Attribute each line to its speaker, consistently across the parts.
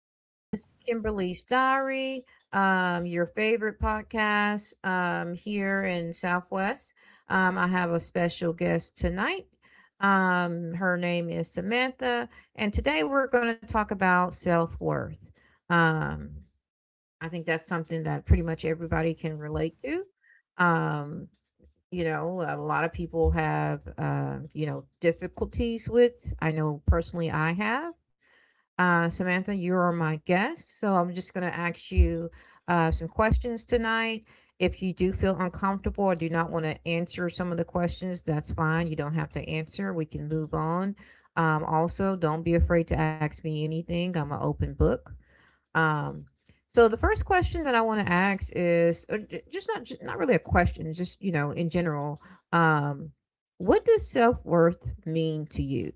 Speaker 1: is Kimberly's Diary, your favorite podcast here in Southwest. I have a special guest tonight. Her name is Samantha, and today we're going to talk about self worth. Um, I think that's something that pretty much everybody can relate to. Um, you know, a lot of people have, difficulties with. I know personally I have Samantha, you are my guest, so I'm just going to ask you some questions tonight. If you do feel uncomfortable or do not want to answer some of the questions, that's fine. You don't have to answer. We can move on. Also, don't be afraid to ask me anything. I'm an open book. Um, so the first question that I want to ask is or ju- just not ju- not really a question, just you know, in general. Um, what does self worth mean to you?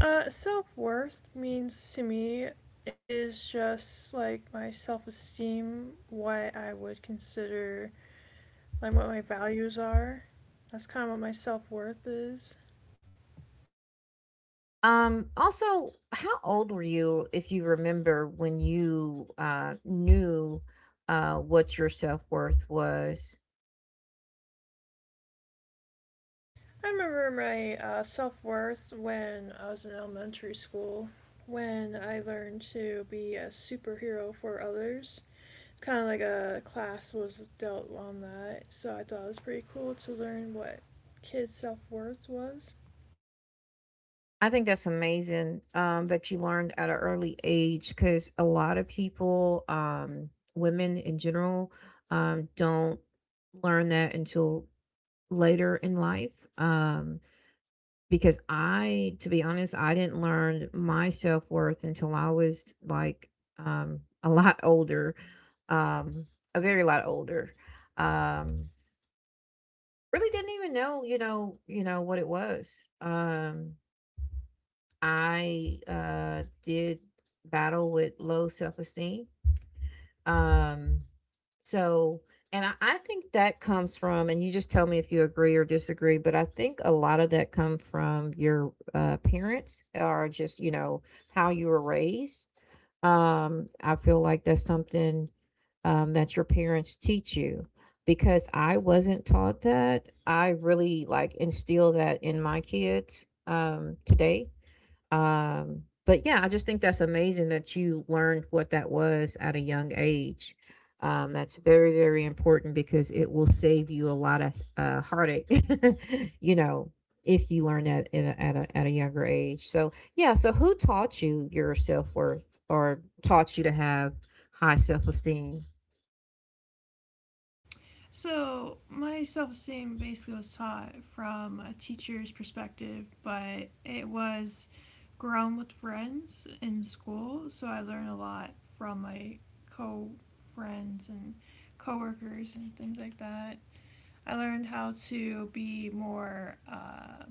Speaker 2: Self worth means to me is just like my self esteem, what I would consider like what my values are. That's kind of what my self worth is.
Speaker 1: Also, how old were you, if you remember, when you knew what your self worth was?
Speaker 2: I remember my self worth when I was in elementary school, when I learned to be a superhero for others. Kind of like a class was dealt on that, so I thought it was pretty cool to learn what kids' self worth was.
Speaker 1: I think that's amazing that you learned at an early age because a lot of people, women in general, don't learn that until later in life. Um, because I, to be honest, I didn't learn my self worth until I was like a lot older, um a very lot older, um really didn't even know you know what it was. I did battle with low self-esteem. um so and I think that comes from, and you just tell me if you agree or disagree, but I think a lot of that come from your parents or just you know how you were raised. I feel like that's something that your parents teach you, because I wasn't taught that. I really like instill that in my kids today. But yeah, I just think that's amazing that you learned what that was at a young age. That's very, very important because it will save you a lot of heartache, you know, if you learn that in at a younger age. So, yeah. So, who taught you your self worth or taught you to have high self esteem?
Speaker 2: So, my self esteem basically was taught from a teacher's perspective, but it was grown with friends in school, so I learned a lot from my co friends and coworkers and things like that. I learned how to be more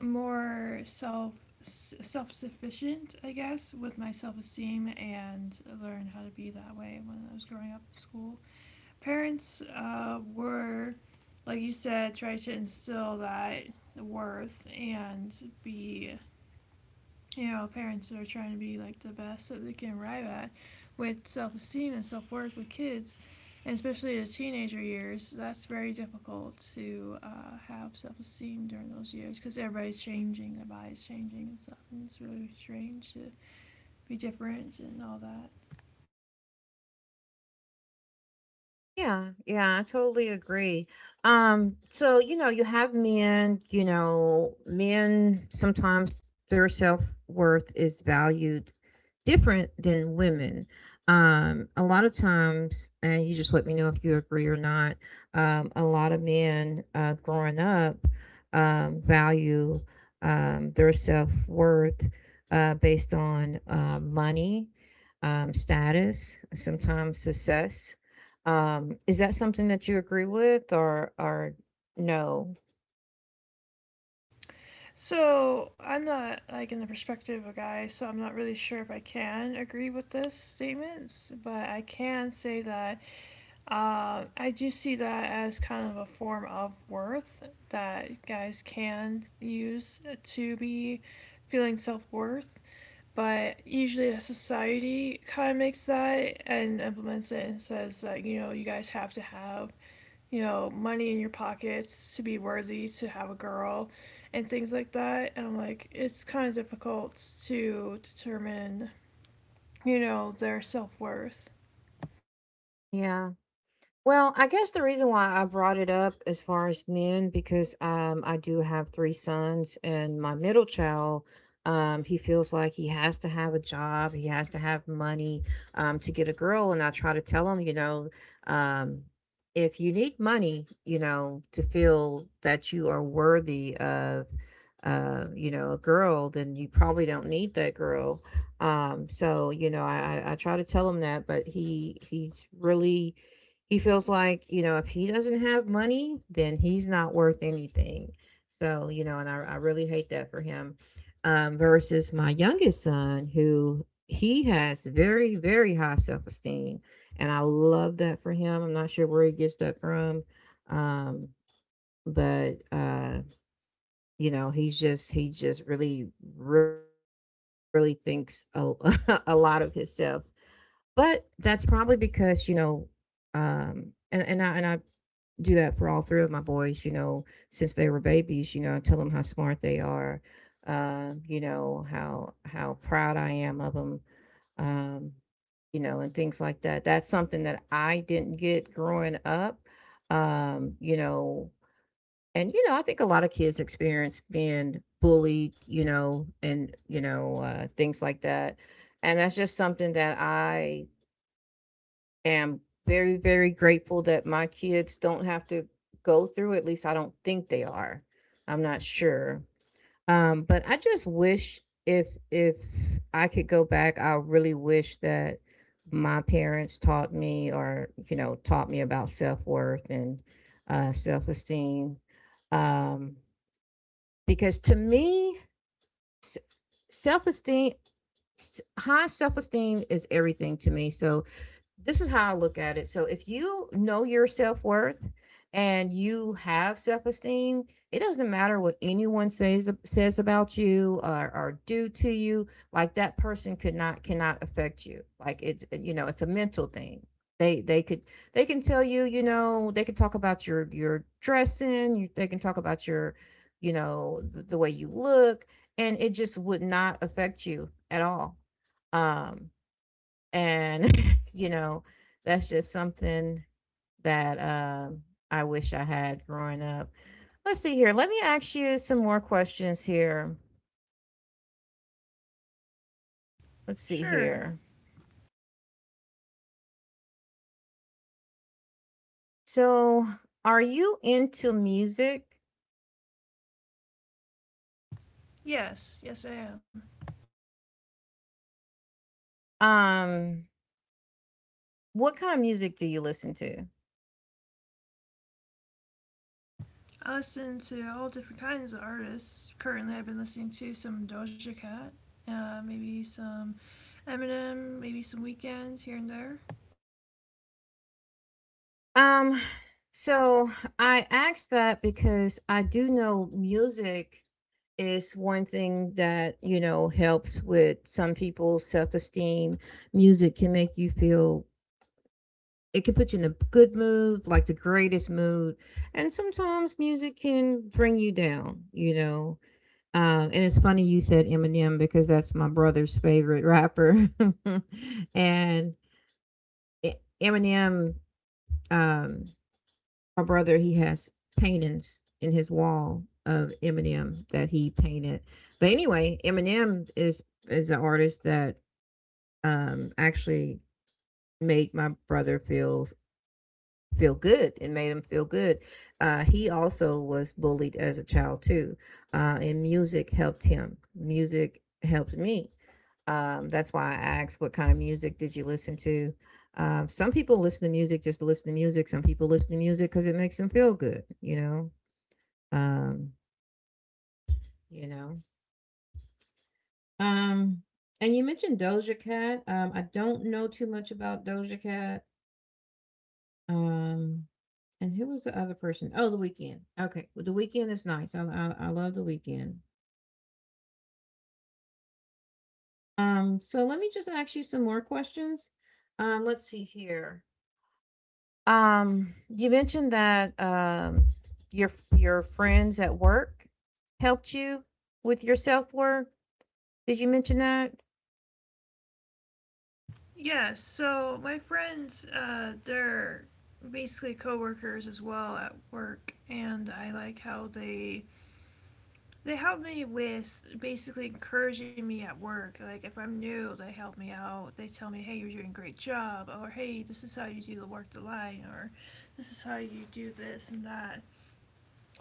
Speaker 2: more self sufficient, I guess, with my self esteem, and learn how to be that way when I was growing up in school parents were, like you said, try to instill that worth and be, you know, parents that are trying to be like the best that they can arrive at with self esteem and self worth with kids. And especially the teenager years, that's very difficult to have self esteem during those years because everybody's changing, their body's changing and stuff. And it's really strange to be different and all that.
Speaker 1: Yeah, yeah, I totally agree. So you know, you have men, you know, men sometimes their self-worth is valued different than women. A lot of times, and you just let me know if you agree or not, a lot of men growing up value their self-worth based on money, status, sometimes success. Is that something that you agree with, or no?
Speaker 2: So I'm not like in the perspective of a guy, so I'm not really sure if I can agree with this statements, but I can say that I do see that as kind of a form of worth that guys can use to be feeling self worth. But usually, a society kind of makes that and implements it and says that you know you guys have to have, you know, money in your pockets to be worthy to have a girl and things like that. And I'm like, it's kind of difficult to determine, you know, their self worth.
Speaker 1: Yeah. Well, I guess the reason why I brought it up as far as men, because I do have three sons, and my middle child, he feels like he has to have a job, he has to have money to get a girl. And I try to tell him, you know, um, if you need money, you know, to feel that you are worthy of. You know, a girl, then you probably don't need that girl. So you know, I try to tell him that, but he's really, he feels like you know if he doesn't have money then he's not worth anything. So you know and I really hate that for him. Versus my youngest son, who he has very, very high self-esteem, and I love that for him. I'm not sure where he gets that from. um, but You know, he just really, really thinks a lot of himself. But that's probably because you know. And I do that for all three of my boys, you know, since they were babies, you know, and tell them how smart they are, you know, how proud I am of them, um, you know, and things like that. That's something that I didn't get growing up, you know, and you know, I think a lot of kids experience being bullied, you know, and you know, things like that, and that's just something that I am very, very grateful that my kids don't have to go through, at least I don't think they are. I'm not sure. But I just wish, if I could go back, I really wish that my parents taught me or, you know, taught me about self-worth and self-esteem. Um, because to me, s- self-esteem, high self-esteem is everything to me. So this is how I look at it. So if you know your self worth and you have self esteem, it doesn't matter what anyone says about you, or do to you. Like that person could not cannot affect you. Like it's you know it's a mental thing. They could, they can tell you you know they can talk about your dressing. They can talk about your, you know, the way you look, and it just would not affect you at all. Um, and, you know, that's just something that, I wish I had growing up. Let's see here. Let me ask you some more questions here. Let's see
Speaker 2: Sure.
Speaker 1: here. So, are you into music?
Speaker 2: Yes. Yes, I am.
Speaker 1: Um, what kind of music do you listen to?
Speaker 2: I listen to all different kinds of artists. Currently, I've been listening to some Doja Cat, maybe some Eminem, maybe some Weekend here and there.
Speaker 1: Um, so I asked that because I do know music is one thing that you know helps with some people's self-esteem. Music can make you feel, it can put you in a good mood, like the greatest mood. And sometimes music can bring you down, you know. And it's funny you said eminem, because that's my brother's favorite rapper. and E- Eminem, um, my brother, he has paintings in his wall of Eminem that he painted. But anyway, Eminem is an artist that actually made my brother feel, feel good, and made him feel good. He also was bullied as a child too, and music helped him. Music helped me. That's why I asked, what kind of music did you listen to? Some people listen to music just to listen to music. Some people listen to music because it makes them feel good, you know. Um, you know? Um, and you mentioned Doja Cat. I don't know too much about Doja Cat. Um, and who was the other person? Oh, The Weeknd. Okay, well, The Weeknd is nice. I love The Weeknd. So let me just ask you some more questions. Let's see here. You mentioned that your friends at work helped you with your self work. Did you mention that?
Speaker 2: Yeah, so my friends, they're basically coworkers as well at work, and I like how they help me with basically encouraging me at work. Like if I'm new, they help me out. They tell me, "Hey, you're doing a great job," or "Hey, this is how you do the work the line," or "This is how you do this and that."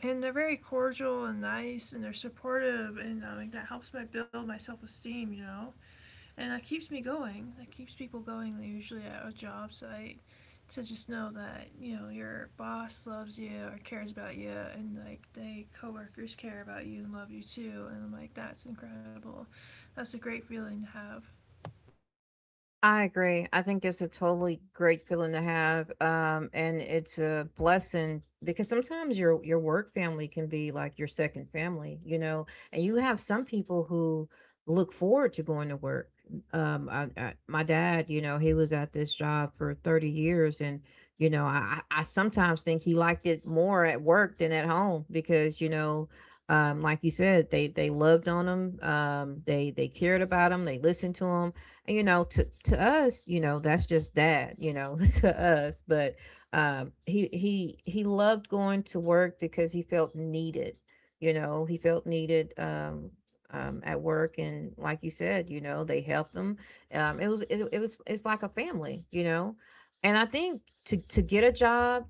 Speaker 2: And they're very cordial and nice, and they're supportive, and like that helps my build my self esteem. You know, and that keeps me going. That keeps people going. Usually at a job site to just know that you know your boss loves you or cares about you, and like they coworkers care about you and love you too. And I'm like, that's incredible. That's a great feeling to have.
Speaker 1: I agree. I think it's a totally great feeling to have, and it's a blessing because sometimes your work family can be like your second family, you know. And you have some people who look forward to going to work. My dad, you know, he was at this job for 30 years, and you know, I sometimes think he liked it more at work than at home, because you know, like you said, they loved on him, they cared about him, they listened to him, and, you know, to us, you know, that's just dad, you know, to us. But he loved going to work because he felt needed. You know, he felt needed, at work, and like you said, you know, they helped him. It was, it was, it's like a family, you know. And I think to get a job,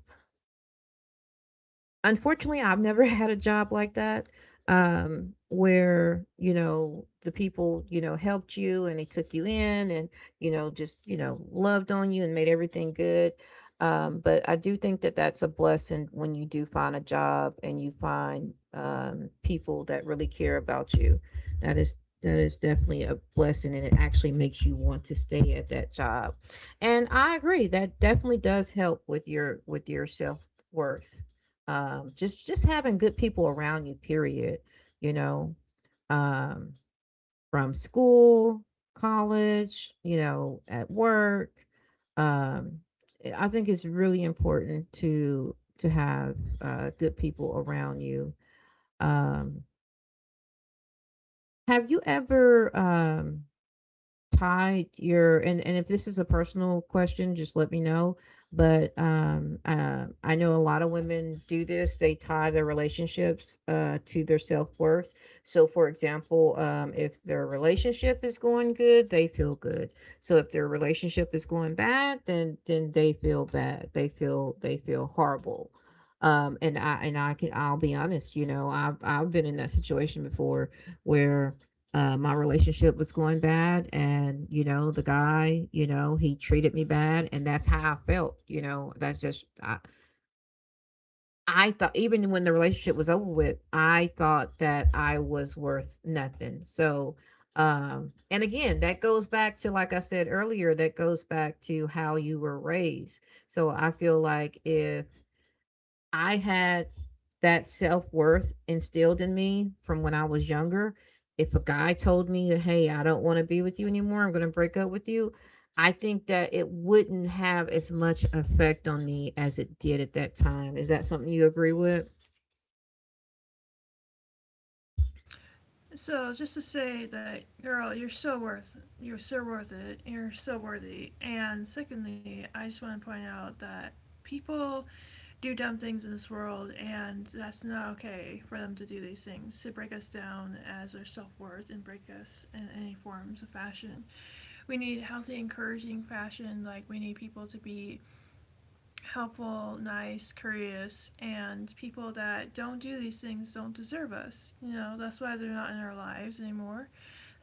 Speaker 1: unfortunately, I've never had a job like that, where, you know, the people, you know, helped you and they took you in and, you know, just, you know, loved on you and made everything good. But I do think that that's a blessing when you do find a job and you find people that really care about you. That is, that is definitely a blessing, and it actually makes you want to stay at that job. And I agree that definitely does help with your self worth, just having good people around you, period. You know, um from school, college, you know, at work. um I think it's really important to have good people around you. um have you ever, tied your, and if this is a personal question, just let me know, but I know a lot of women do this. They tie their relationships to their self-worth. So for example, if their relationship is going good, they feel good. So if their relationship is going bad, then they feel bad. They feel horrible. And I can, I'll be honest, you know, I've been in that situation before, where my relationship was going bad, and you know, the guy, you know, he treated me bad, and that's how I felt, you know. I thought, even when the relationship was over with, I thought that I was worth nothing. So and again, that goes back to, like I said earlier, that goes back to how you were raised. So I feel like if I had that self-worth instilled in me from when I was younger, if a guy told me, "Hey, I don't wanna be with you anymore, I'm gonna break up with you," I think that it wouldn't have as much effect on me as it did at that time. Is that something you agree with?
Speaker 2: So just to say that, girl, you're so worth it. You're so worthy. And secondly, I just want to point out that people do dumb things in this world, and that's not okay for them to do these things, to break us down as our self worth and break us in any forms of fashion. We need healthy, encouraging fashion. Like, we need people to be helpful, nice, curious, and people that don't do these things don't deserve us. You know, that's why they're not in our lives anymore.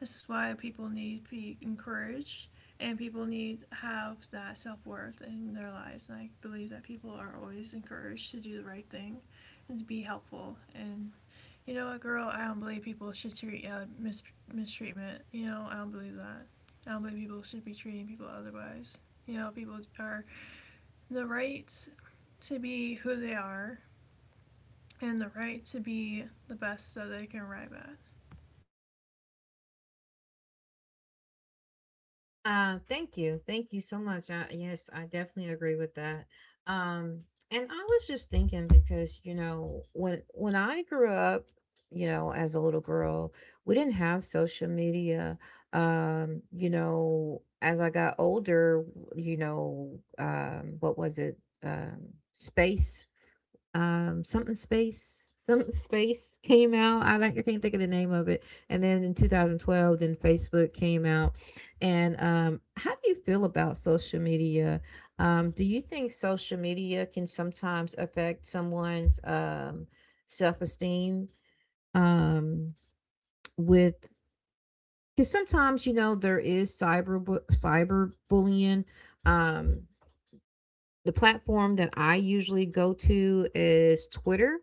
Speaker 2: This is why people need to be encouraged and people need to have that self worth in their lives. And I believe that people are always encouraged to do the right thing and to be helpful. And you know what, girl, I don't believe people should treat mistreatment. You know, I don't believe that. I don't believe people should be treating people otherwise. You know, people are the right to be who they are and the right to be the best that they can arrive at.
Speaker 1: Thank you. Thank you so much. Yes, I definitely agree with that. Um, and I was just thinking, because, you know, when I grew up, you know, as a little girl, we didn't have social media. You know, as I got older, you know, what was it? Space, something space, something space came out. I, like, I can't think of the name of it, and then in 2012, then Facebook came out. And how do you feel about social media? Do you think social media can sometimes affect someone's self-esteem, um with, because sometimes, you know, there is cyber bullying. um the platform that I usually go to is Twitter,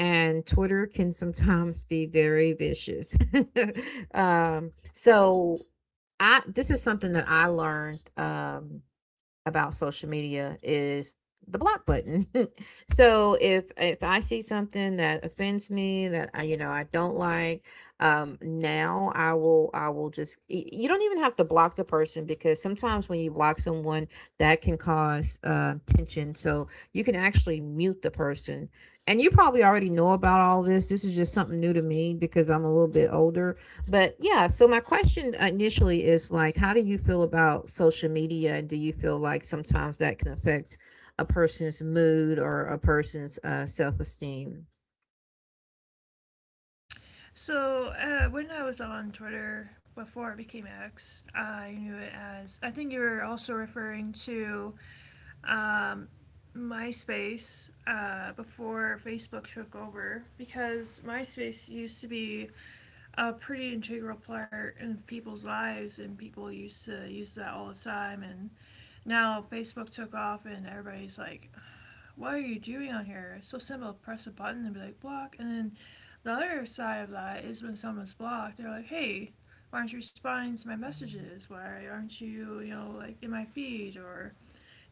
Speaker 1: and Twitter can sometimes be very vicious. So I, this is something that I learned, about social media is the block button. So if I see something that offends me, that I, you know, I don't like, now I will just, you don't even have to block the person, because sometimes when you block someone, that can cause tension, so you can actually mute the person. And you probably already know about all this. This is just something new to me because I'm a little bit older. But yeah, so my question initially is, like, how do you feel about social media? Do you feel like sometimes that can affect a person's mood or a person's self-esteem?
Speaker 2: So when I was on Twitter before it became X, I knew it as. I think you were also referring to um, MySpace before Facebook took over because MySpace used to be a pretty integral part in people's lives and people used to use that all the time. And now Facebook took off and everybody's like, what are you doing on here? It's so simple. Press a button and be like, block. And then the other side of that is when someone's blocked, they're like, hey, why aren't you responding to my messages? Why aren't you, you know, like in my feed or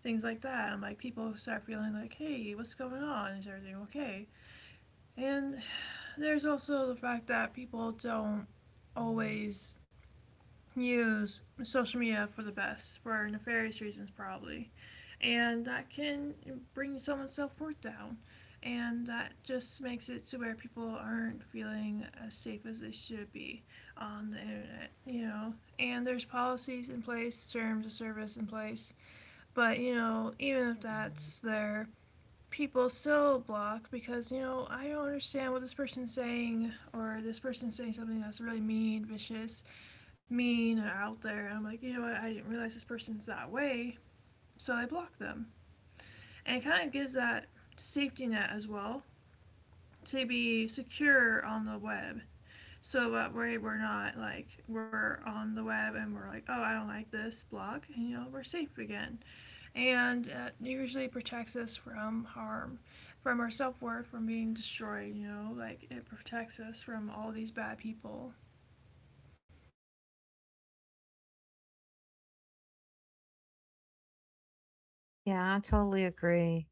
Speaker 2: things like that? And like people start feeling like, hey, what's going on? Is everything okay? And there's also the fact that people don't always use social media for the best, for nefarious reasons, probably, and that can bring someone's self worth down. And that just makes it to where people aren't feeling as safe as they should be on the internet, you know. And there's policies in place, terms of service in place, but you know, even if that's there, people still block because you know I don't understand what this person's saying or this person's saying something that's really mean, vicious, mean, and out there. I'm like, you know what? I didn't realize this person's that way, so I block them. And it kind of gives that safety net as well to be secure on the web. So that way we're not like we're on the web and we're like, oh, I don't like this blog, and, you know, we're safe again. And it usually protects us from harm, from our self worth, from being destroyed. You know, like it protects us from all these bad people.
Speaker 1: Yeah, I totally agree.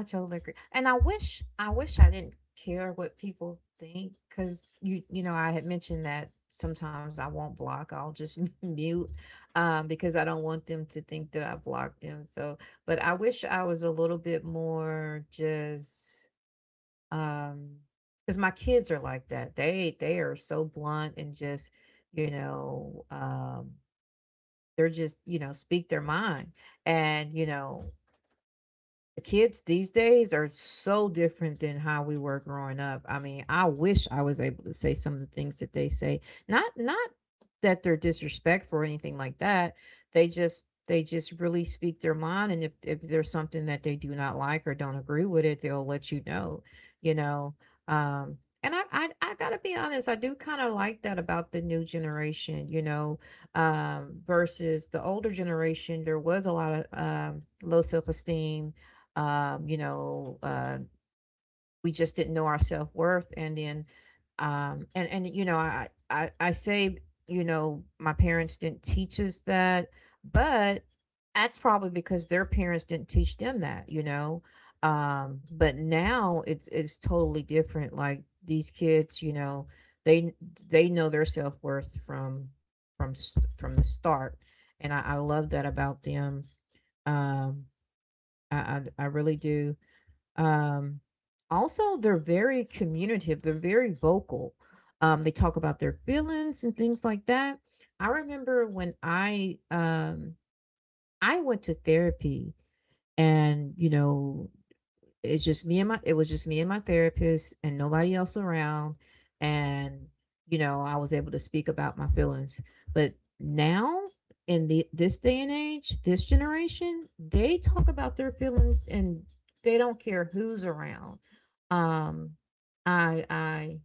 Speaker 1: I totally agree. And I wish, I didn't care what people think, cuz you, know, I had mentioned that sometimes I won't block. I'll just mute, because I don't want them to think that I blocked them. So, but I wish I was a little bit more just, um cuz my kids are like that. They are so blunt and just, you know, they're just, you know, speak their mind. And you know, the kids these days are so different than how we were growing up. I mean, I wish I was able to say some of the things that they say. Not not that they're disrespectful or anything like that. They just really speak their mind, and if there's something that they do not like or don't agree with it, they'll let you know, you know. Um and I gotta be honest, I do kind of like that about the new generation, you know, versus the older generation. There was a lot of, low self esteem, um, you know, uh, we just didn't know our self worth. And then, and you know, I say, you know, my parents didn't teach us that, but that's probably because their parents didn't teach them that, you know. But now it's totally different. Like, these kids, you know, they they know their self worth from from the start, and I love that about them. Um, I really do. um, Also, they're very communicative. They're very vocal. They talk about their feelings and things like that. I remember when I, I went to therapy, and you know, it was just me and my therapist and nobody else around, and you know, I was able to speak about my feelings. But now, in the this day and age, this generation, they talk about their feelings, and they don't care who's around. um i i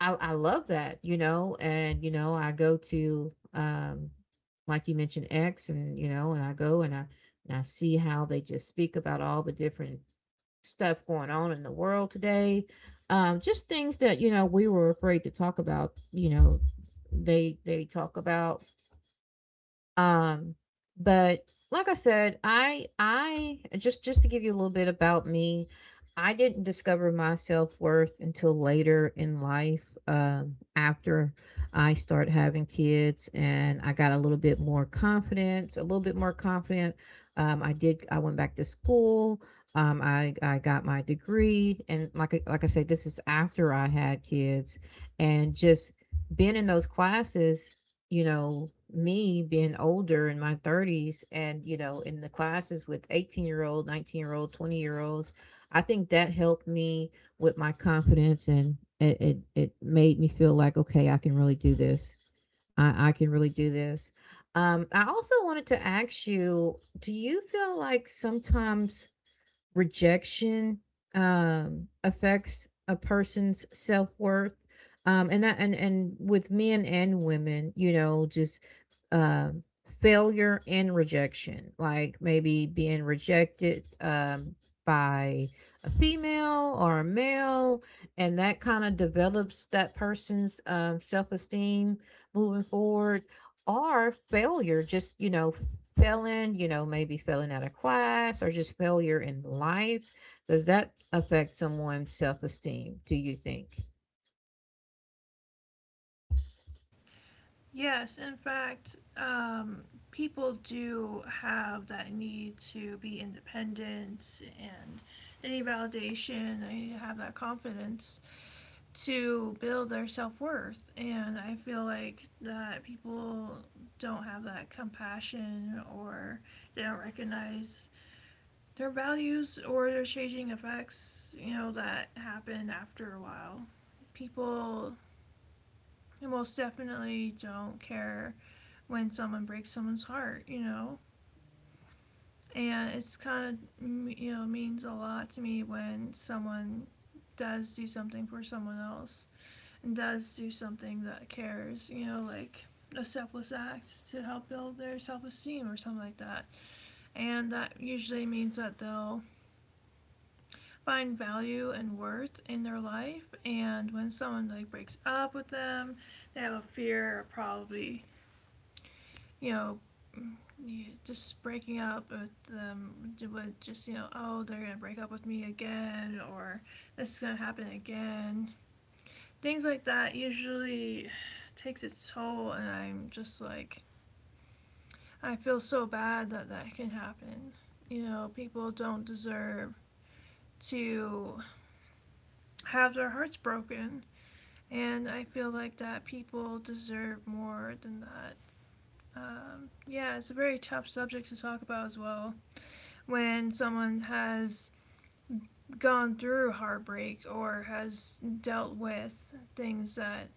Speaker 1: I love that, you know. And you know, I go to, like you mentioned, X, and you know, and I go, and I see how they just speak about all the different stuff going on in the world today. Just things that, you know, we were afraid to talk about. You know, they talk about, um, but like I said, I just, to give you a little bit about me, I didn't discover my self-worth until later in life, after I started having kids, and I got a little bit more confident, I went back to school. I got my degree, and like I said, this is after I had kids, and just being in those classes, you know, me being older in my 30s and, you know, in the classes with 18-year-old, 19-year-old, 20-year-olds, I think that helped me with my confidence. And it made me feel like, okay, I can really do this. I can really do this. I also wanted to ask you, do you feel like sometimes rejection affects a person's self-worth, and with men and women, you know, just, um failure and rejection, like, maybe being rejected, by a female or a male, and that kind of develops that person's self-esteem moving forward, or failure, just, you know, failing, you know, maybe failing out of class, or just failure in life. Does that affect someone's self-esteem, do you think?
Speaker 2: Yes, in fact, people do have that need to be independent and they need validation. They need to have that confidence to build their self worth. And I feel like that people don't have that compassion or they don't recognize their values or their changing effects, you know, that happen after a while. People most definitely don't care when someone breaks someone's heart, you know. And it's kind of, you know, means a lot to me when someone does do something for someone else and does do something that cares, you know, like a selfless act to help build their self-esteem or something like that. And that usually means that they'll find value and worth in their life and when someone like breaks up with them, they have a fear of probably, you know, yeah, just breaking up with would just you know oh they're gonna break up with me again or this is gonna happen again, things like that usually takes its toll and I'm just like I feel so bad that that can happen. You know, people don't deserve to have their hearts broken, and I feel like that people deserve more than that. Yeah, it's a very tough subject to talk about as well when someone has gone through heartbreak or has dealt with things that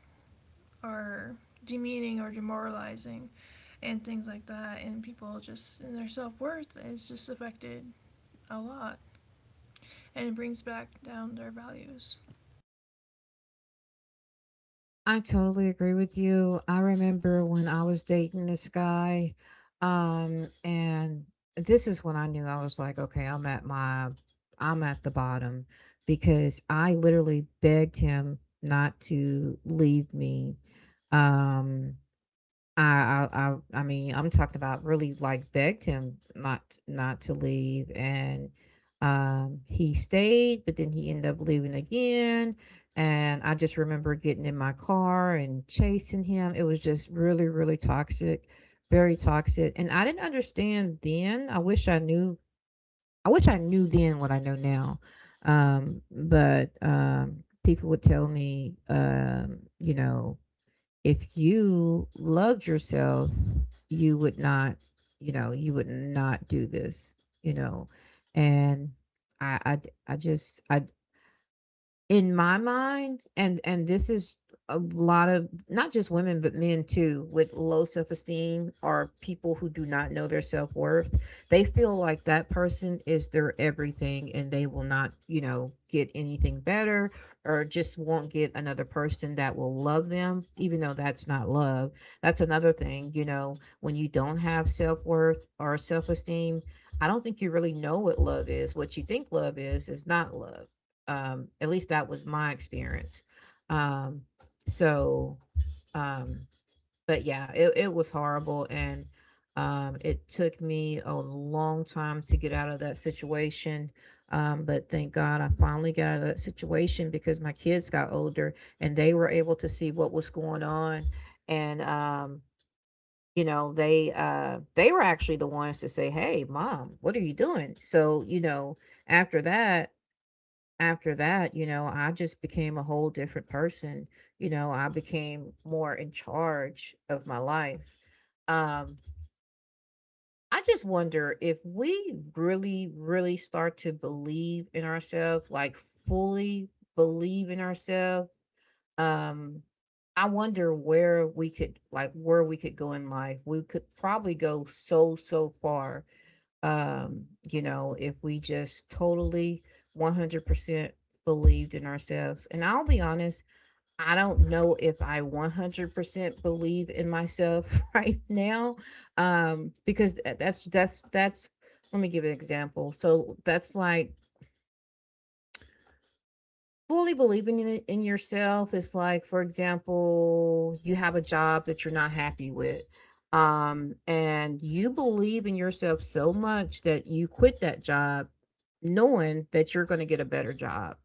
Speaker 2: are demeaning or demoralizing and things like that and people just and their self-worth is just affected a lot and it brings back down their values.
Speaker 1: I totally agree with you. I remember when I was dating this guy, and this is when I knew. I was like, okay, I'm at my, I'm at the bottom, because I literally begged him not to leave me, um, I I mean, I'm talking about really, like, begged him not to leave, and, he stayed, but then he ended up leaving again, and I just remember getting in my car and chasing him. It was just really, really toxic, very toxic, and I didn't understand then. I wish I knew then what I know now, but, people would tell me, you know, "If you loved yourself, you would not, you know, you would not do this, you know." And I just, I in my mind, and this is a lot of, not just women, but men too, with low self esteem, or people who do not know their self worth. They feel like that person is their everything, and they will not, you know, get anything better, or just won't get another person that will love them, even though that's not love. That's another thing, you know, when you don't have self worth or self esteem, I don't think you really know what love is. What you think love is not love. Um, at least that was my experience. Um, so, um, but yeah, it was horrible. And it took me a long time to get out of that situation. But thank God I finally got out of that situation, because my kids got older and they were able to see what was going on. And, you know, they were actually the ones to say, "Hey, mom, what are you doing?" So, you know, after that, after that, you know, I just became a whole different person. You know, I became more in charge of my life. Um, I just wonder if we really, really start to believe in ourselves, like, fully believe in ourselves. Um, I wonder where we could, like, where we could go in life. We could probably go so, so far, you know, if we just totally 100% believed in ourselves. And I'll be honest, I don't know if I 100% believe in myself right now. Because that's, let me give an example. So that's like fully believing in yourself is, like, for example, you have a job that you're not happy with and you believe in yourself so much that you quit that job knowing that you're going to get a better job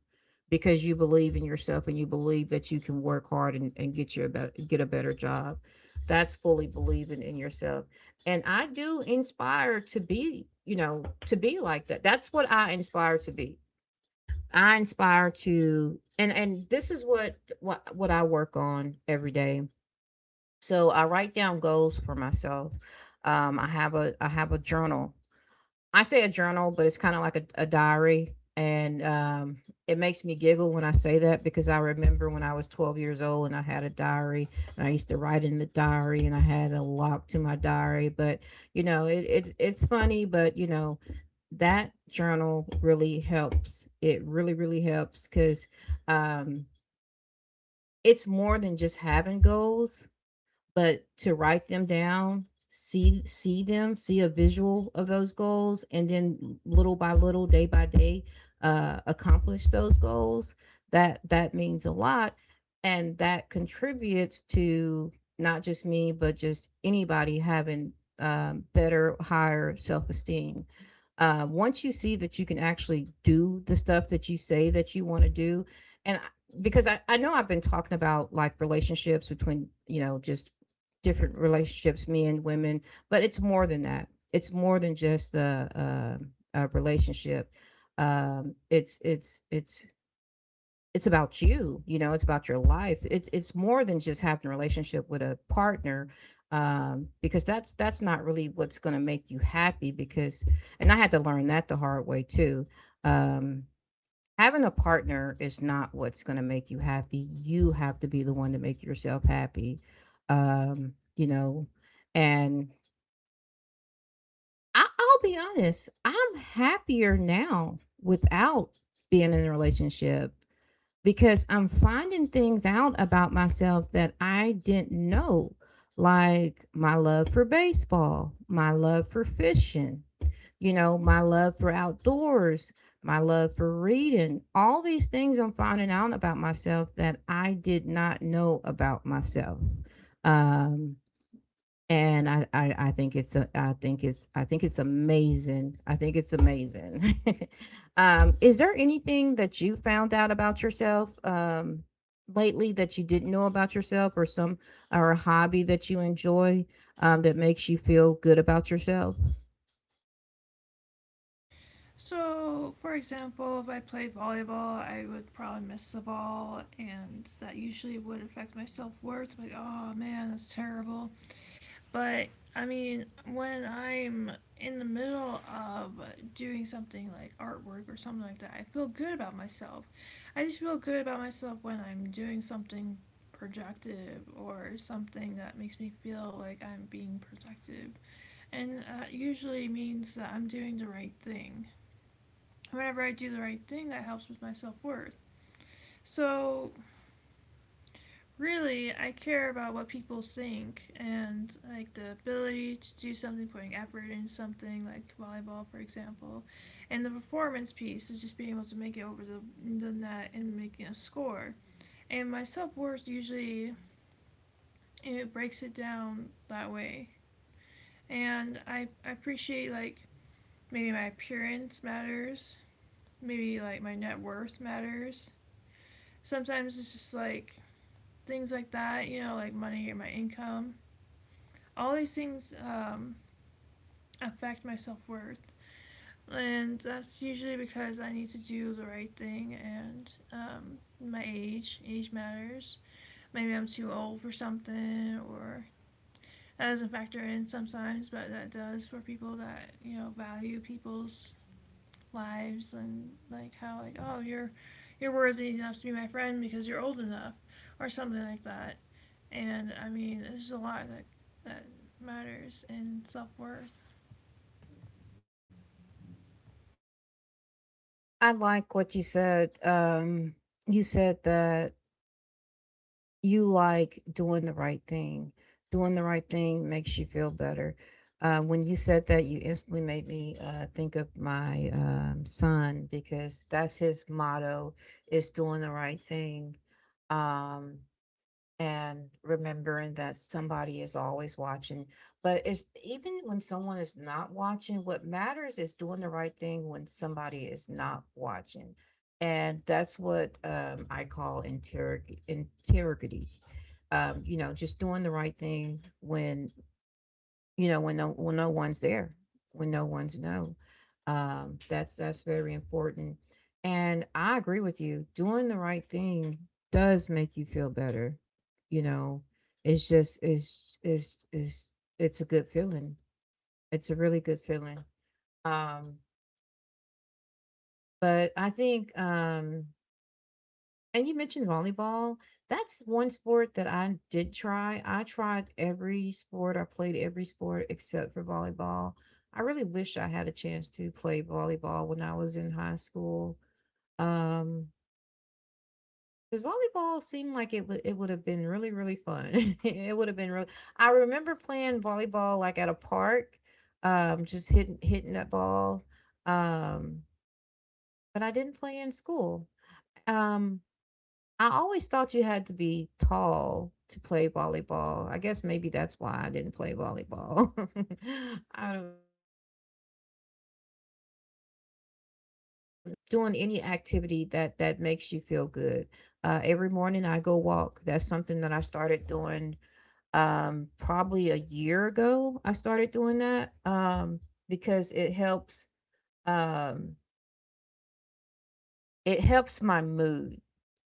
Speaker 1: because you believe in yourself and you believe that you can work hard and, get your get a better job. That's fully believing in yourself, and I do inspire to be, you know, to be like that that's What I inspire to be. I inspire to, and this is what what I work on every day. So I write down goals for myself. I have a journal. I say a journal, but it's kind of like a diary. And it makes me giggle when I say that because I remember when I was 12 years old and I had a diary, and I used to write in the diary, and I had a lock to my diary. But, you know, it's funny, but, you know, that journal really helps. It really, really helps because um, it's more than just having goals, but to write them down, see them, see a visual of those goals, and then little by little, day by day, accomplish those goals. That means a lot, and that contributes to not just me but just anybody having better, higher self-esteem. Once you see that you can actually do the stuff that you say that you want to do. and I- because I know I've been talking about, like, relationships between, you know, just different relationships, men, women, but it's more than that. It's more than just the a relationship. It's it's about you. You know, it's about your life. It's more than just having a relationship with a partner, because that's not really what's going to make you happy. Because, and I had to learn that the hard way too. Um, Having a partner is not what's gonna make you happy. You have to be the one to make yourself happy. You know, and I'll be honest, I'm happier now without being in a relationship because I'm finding things out about myself that I didn't know, like my love for baseball, my love for fishing, you know, my love for outdoors, my love for reading, all these things I'm finding out about myself that I did not know about myself. Um, and I think I think it's amazing. I think it's amazing. Is there anything that you found out about yourself lately that you didn't know about yourself, or some or a hobby that you enjoy that makes you feel good about yourself?
Speaker 2: So for example if I play volleyball I would probably miss the ball and that usually would affect my self-worth like oh man that's terrible. But I mean, when I'm in the middle of doing something like artwork or something like that, I feel good about myself. I just feel good about myself when I'm doing something productive or something that makes me feel like I'm being productive. And that usually means that I'm doing the right thing. Whenever I do the right thing, that helps with my self worth. So really I care about what people think and like the ability to do something, putting effort in something like volleyball, for example, and the performance piece is just being able to make it over the net and making a score. And my self worth usually it breaks it down that way, and I appreciate like maybe my appearance matters, maybe like my net worth matters. Sometimes it's just like things like that, you know, like money or my income, all these things affect my self worth. And that's usually because I need to do the right thing and my age. Age matters. Maybe I'm too old for something or that doesn't factor in sometimes, but that does for people that, you know, value people's lives and like how like, oh you're worthy enough to be my friend because you're old enough or something like that. And I mean, there's a lot that that matters in self worth.
Speaker 1: I like what you said. You said that you like doing the right thing. Doing the right thing makes you feel better. When you said that, you instantly made me think of my son, because that's his motto, is doing the right thing. Um, and remembering that somebody is always watching. But it's even when someone is not watching, what matters is doing the right thing when somebody is not watching. And that's what I call integrity. You know, just doing the right thing when you know, when when no one's there, when no one's no That's very important, and I agree with you. Doing the right thing does make you feel better, you know. It's just it's it's a good feeling. It's a really good feeling. um but I think and you mentioned volleyball. That's one sport that I did try. I tried every sport. I played every sport except for volleyball. I really wish I had a chance to play volleyball when I was in high school. Um, because volleyball seemed like it would have been really, really fun. it would have been really, I remember playing volleyball like at a park, just hitting that ball. Um, but I didn't play in school. Um, I always thought you had to be tall to play volleyball. I guess maybe that's why I didn't play volleyball. I don't know, but yeah, volleyball is something that and just doing any activity that that makes you feel good. Every morning I go walk. That's something that I started doing probably a year ago. I started doing that because it helps, um it helps my mood.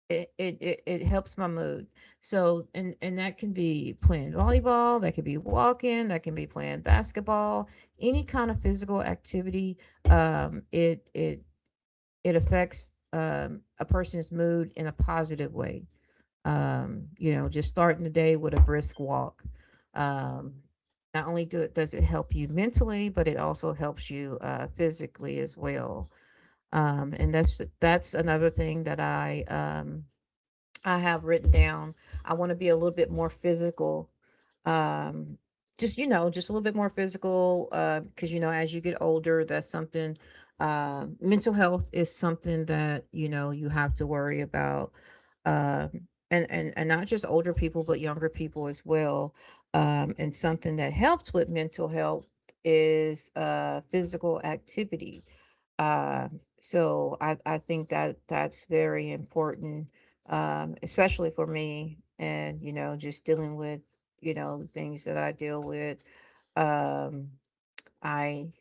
Speaker 1: It helps my mood. So and that can be playing volleyball, that could be walking, that can be playing basketball, any kind of physical activity, it it affects a person's mood in a positive way. You know, just starting the day with a brisk walk. Um, not only do it does it help you mentally, but it also helps you physically as well. And that's another thing that I have written down. I want to be a little bit more physical. Um, just, you know, just a little bit more physical. Cause you know, as you get older, mental health is something that, you know, you have to worry about. And, not just older people, but younger people as well. And something that helps with mental health is physical activity. So I think that that's very important, especially for me, and, you know, just dealing with, you know, the things that I deal with. Um, I,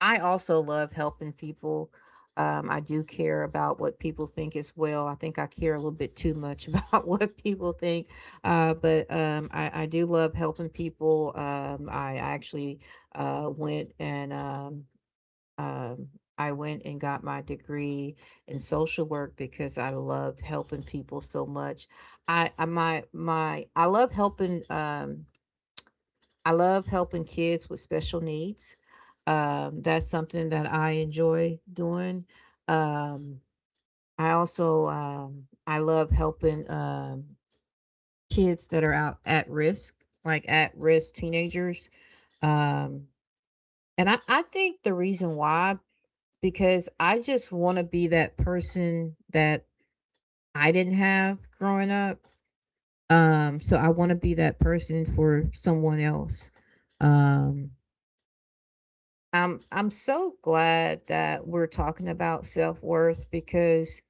Speaker 1: I also love helping people. I do care about what people think as well. I think I care a little bit too much about what people think, but I do love helping people. I actually went and um, I went and got my degree in social work because I loved helping people so much. I my my I love helping kids with special needs. That's something that I enjoy doing. Um, I also I love helping kids that are out at risk, like at risk teenagers. Um, and I think the reason why, because I just want to be that person that I didn't have growing up. So I want to be that person for someone else. Um, I'm so glad that we're talking about self worth because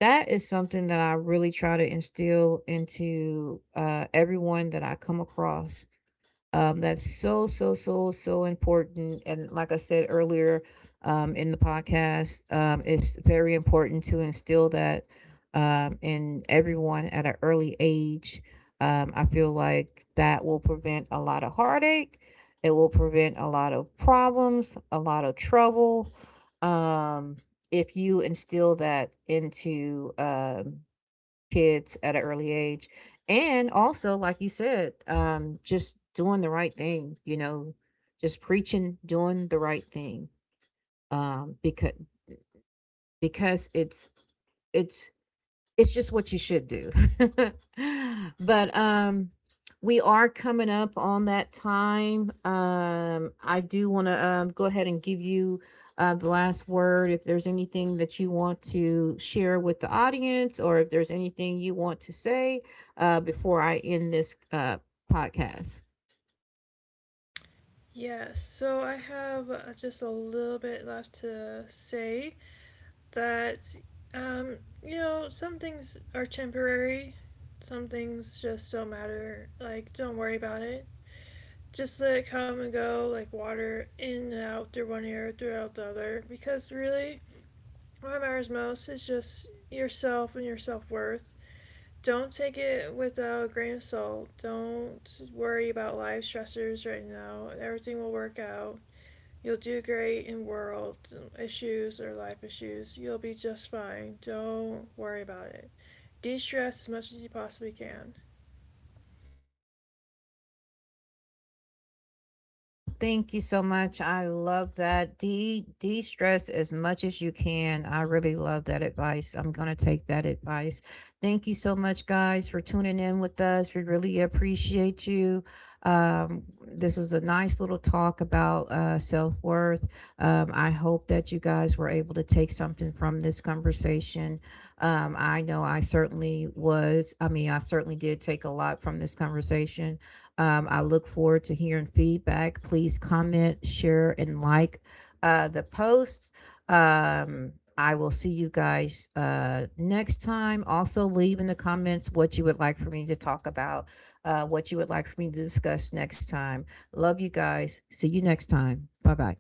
Speaker 1: that is something that I really try to instill into everyone that I come across. That's so, so, so, so important. And like I said earlier, in the podcast, it's very important to instill that in everyone at an early age. I feel like that will prevent a lot of heartache. It will prevent a lot of problems, a lot of trouble. Um, if you instill that into kids at an early age. And also, like you said, just doing the right thing, you know, just preaching, doing the right thing. Because because it's it's it's just what you should do. but we are coming up on that time. I do want to go ahead and give you the last word, if there's anything that you want to share with the audience, or if there's anything you want to say before I end this podcast.
Speaker 2: Yeah, so I have just a little bit left to say that, um, you know, some things are temporary, some things just don't matter. Like, don't worry about it. Just let it come and go, like water in and out through one ear, throughout the other. Because really, what matters most is just yourself and your self worth. Don't take it without a grain of salt. Don't worry about life stressors right now. Everything will work out. You'll do great in world issues or life issues. You'll be just fine. Don't worry about it. De stress as much as you possibly can.
Speaker 1: Thank you so much. I love that. De stress as much as you can. I really love that advice. I'm gonna take that advice. Thank you so much, guys, for tuning in with us. We really appreciate you. This was a nice little talk about self worth. I hope that you guys were able to take something from this conversation. I know I certainly was. I mean, I certainly did take a lot from this conversation. I look forward to hearing feedback. Please comment, share, and like the posts. I will see you guys next time. Also, leave in the comments what you would like for me to talk about, what you would like for me to discuss next time. Love you guys. See you next time. Bye bye.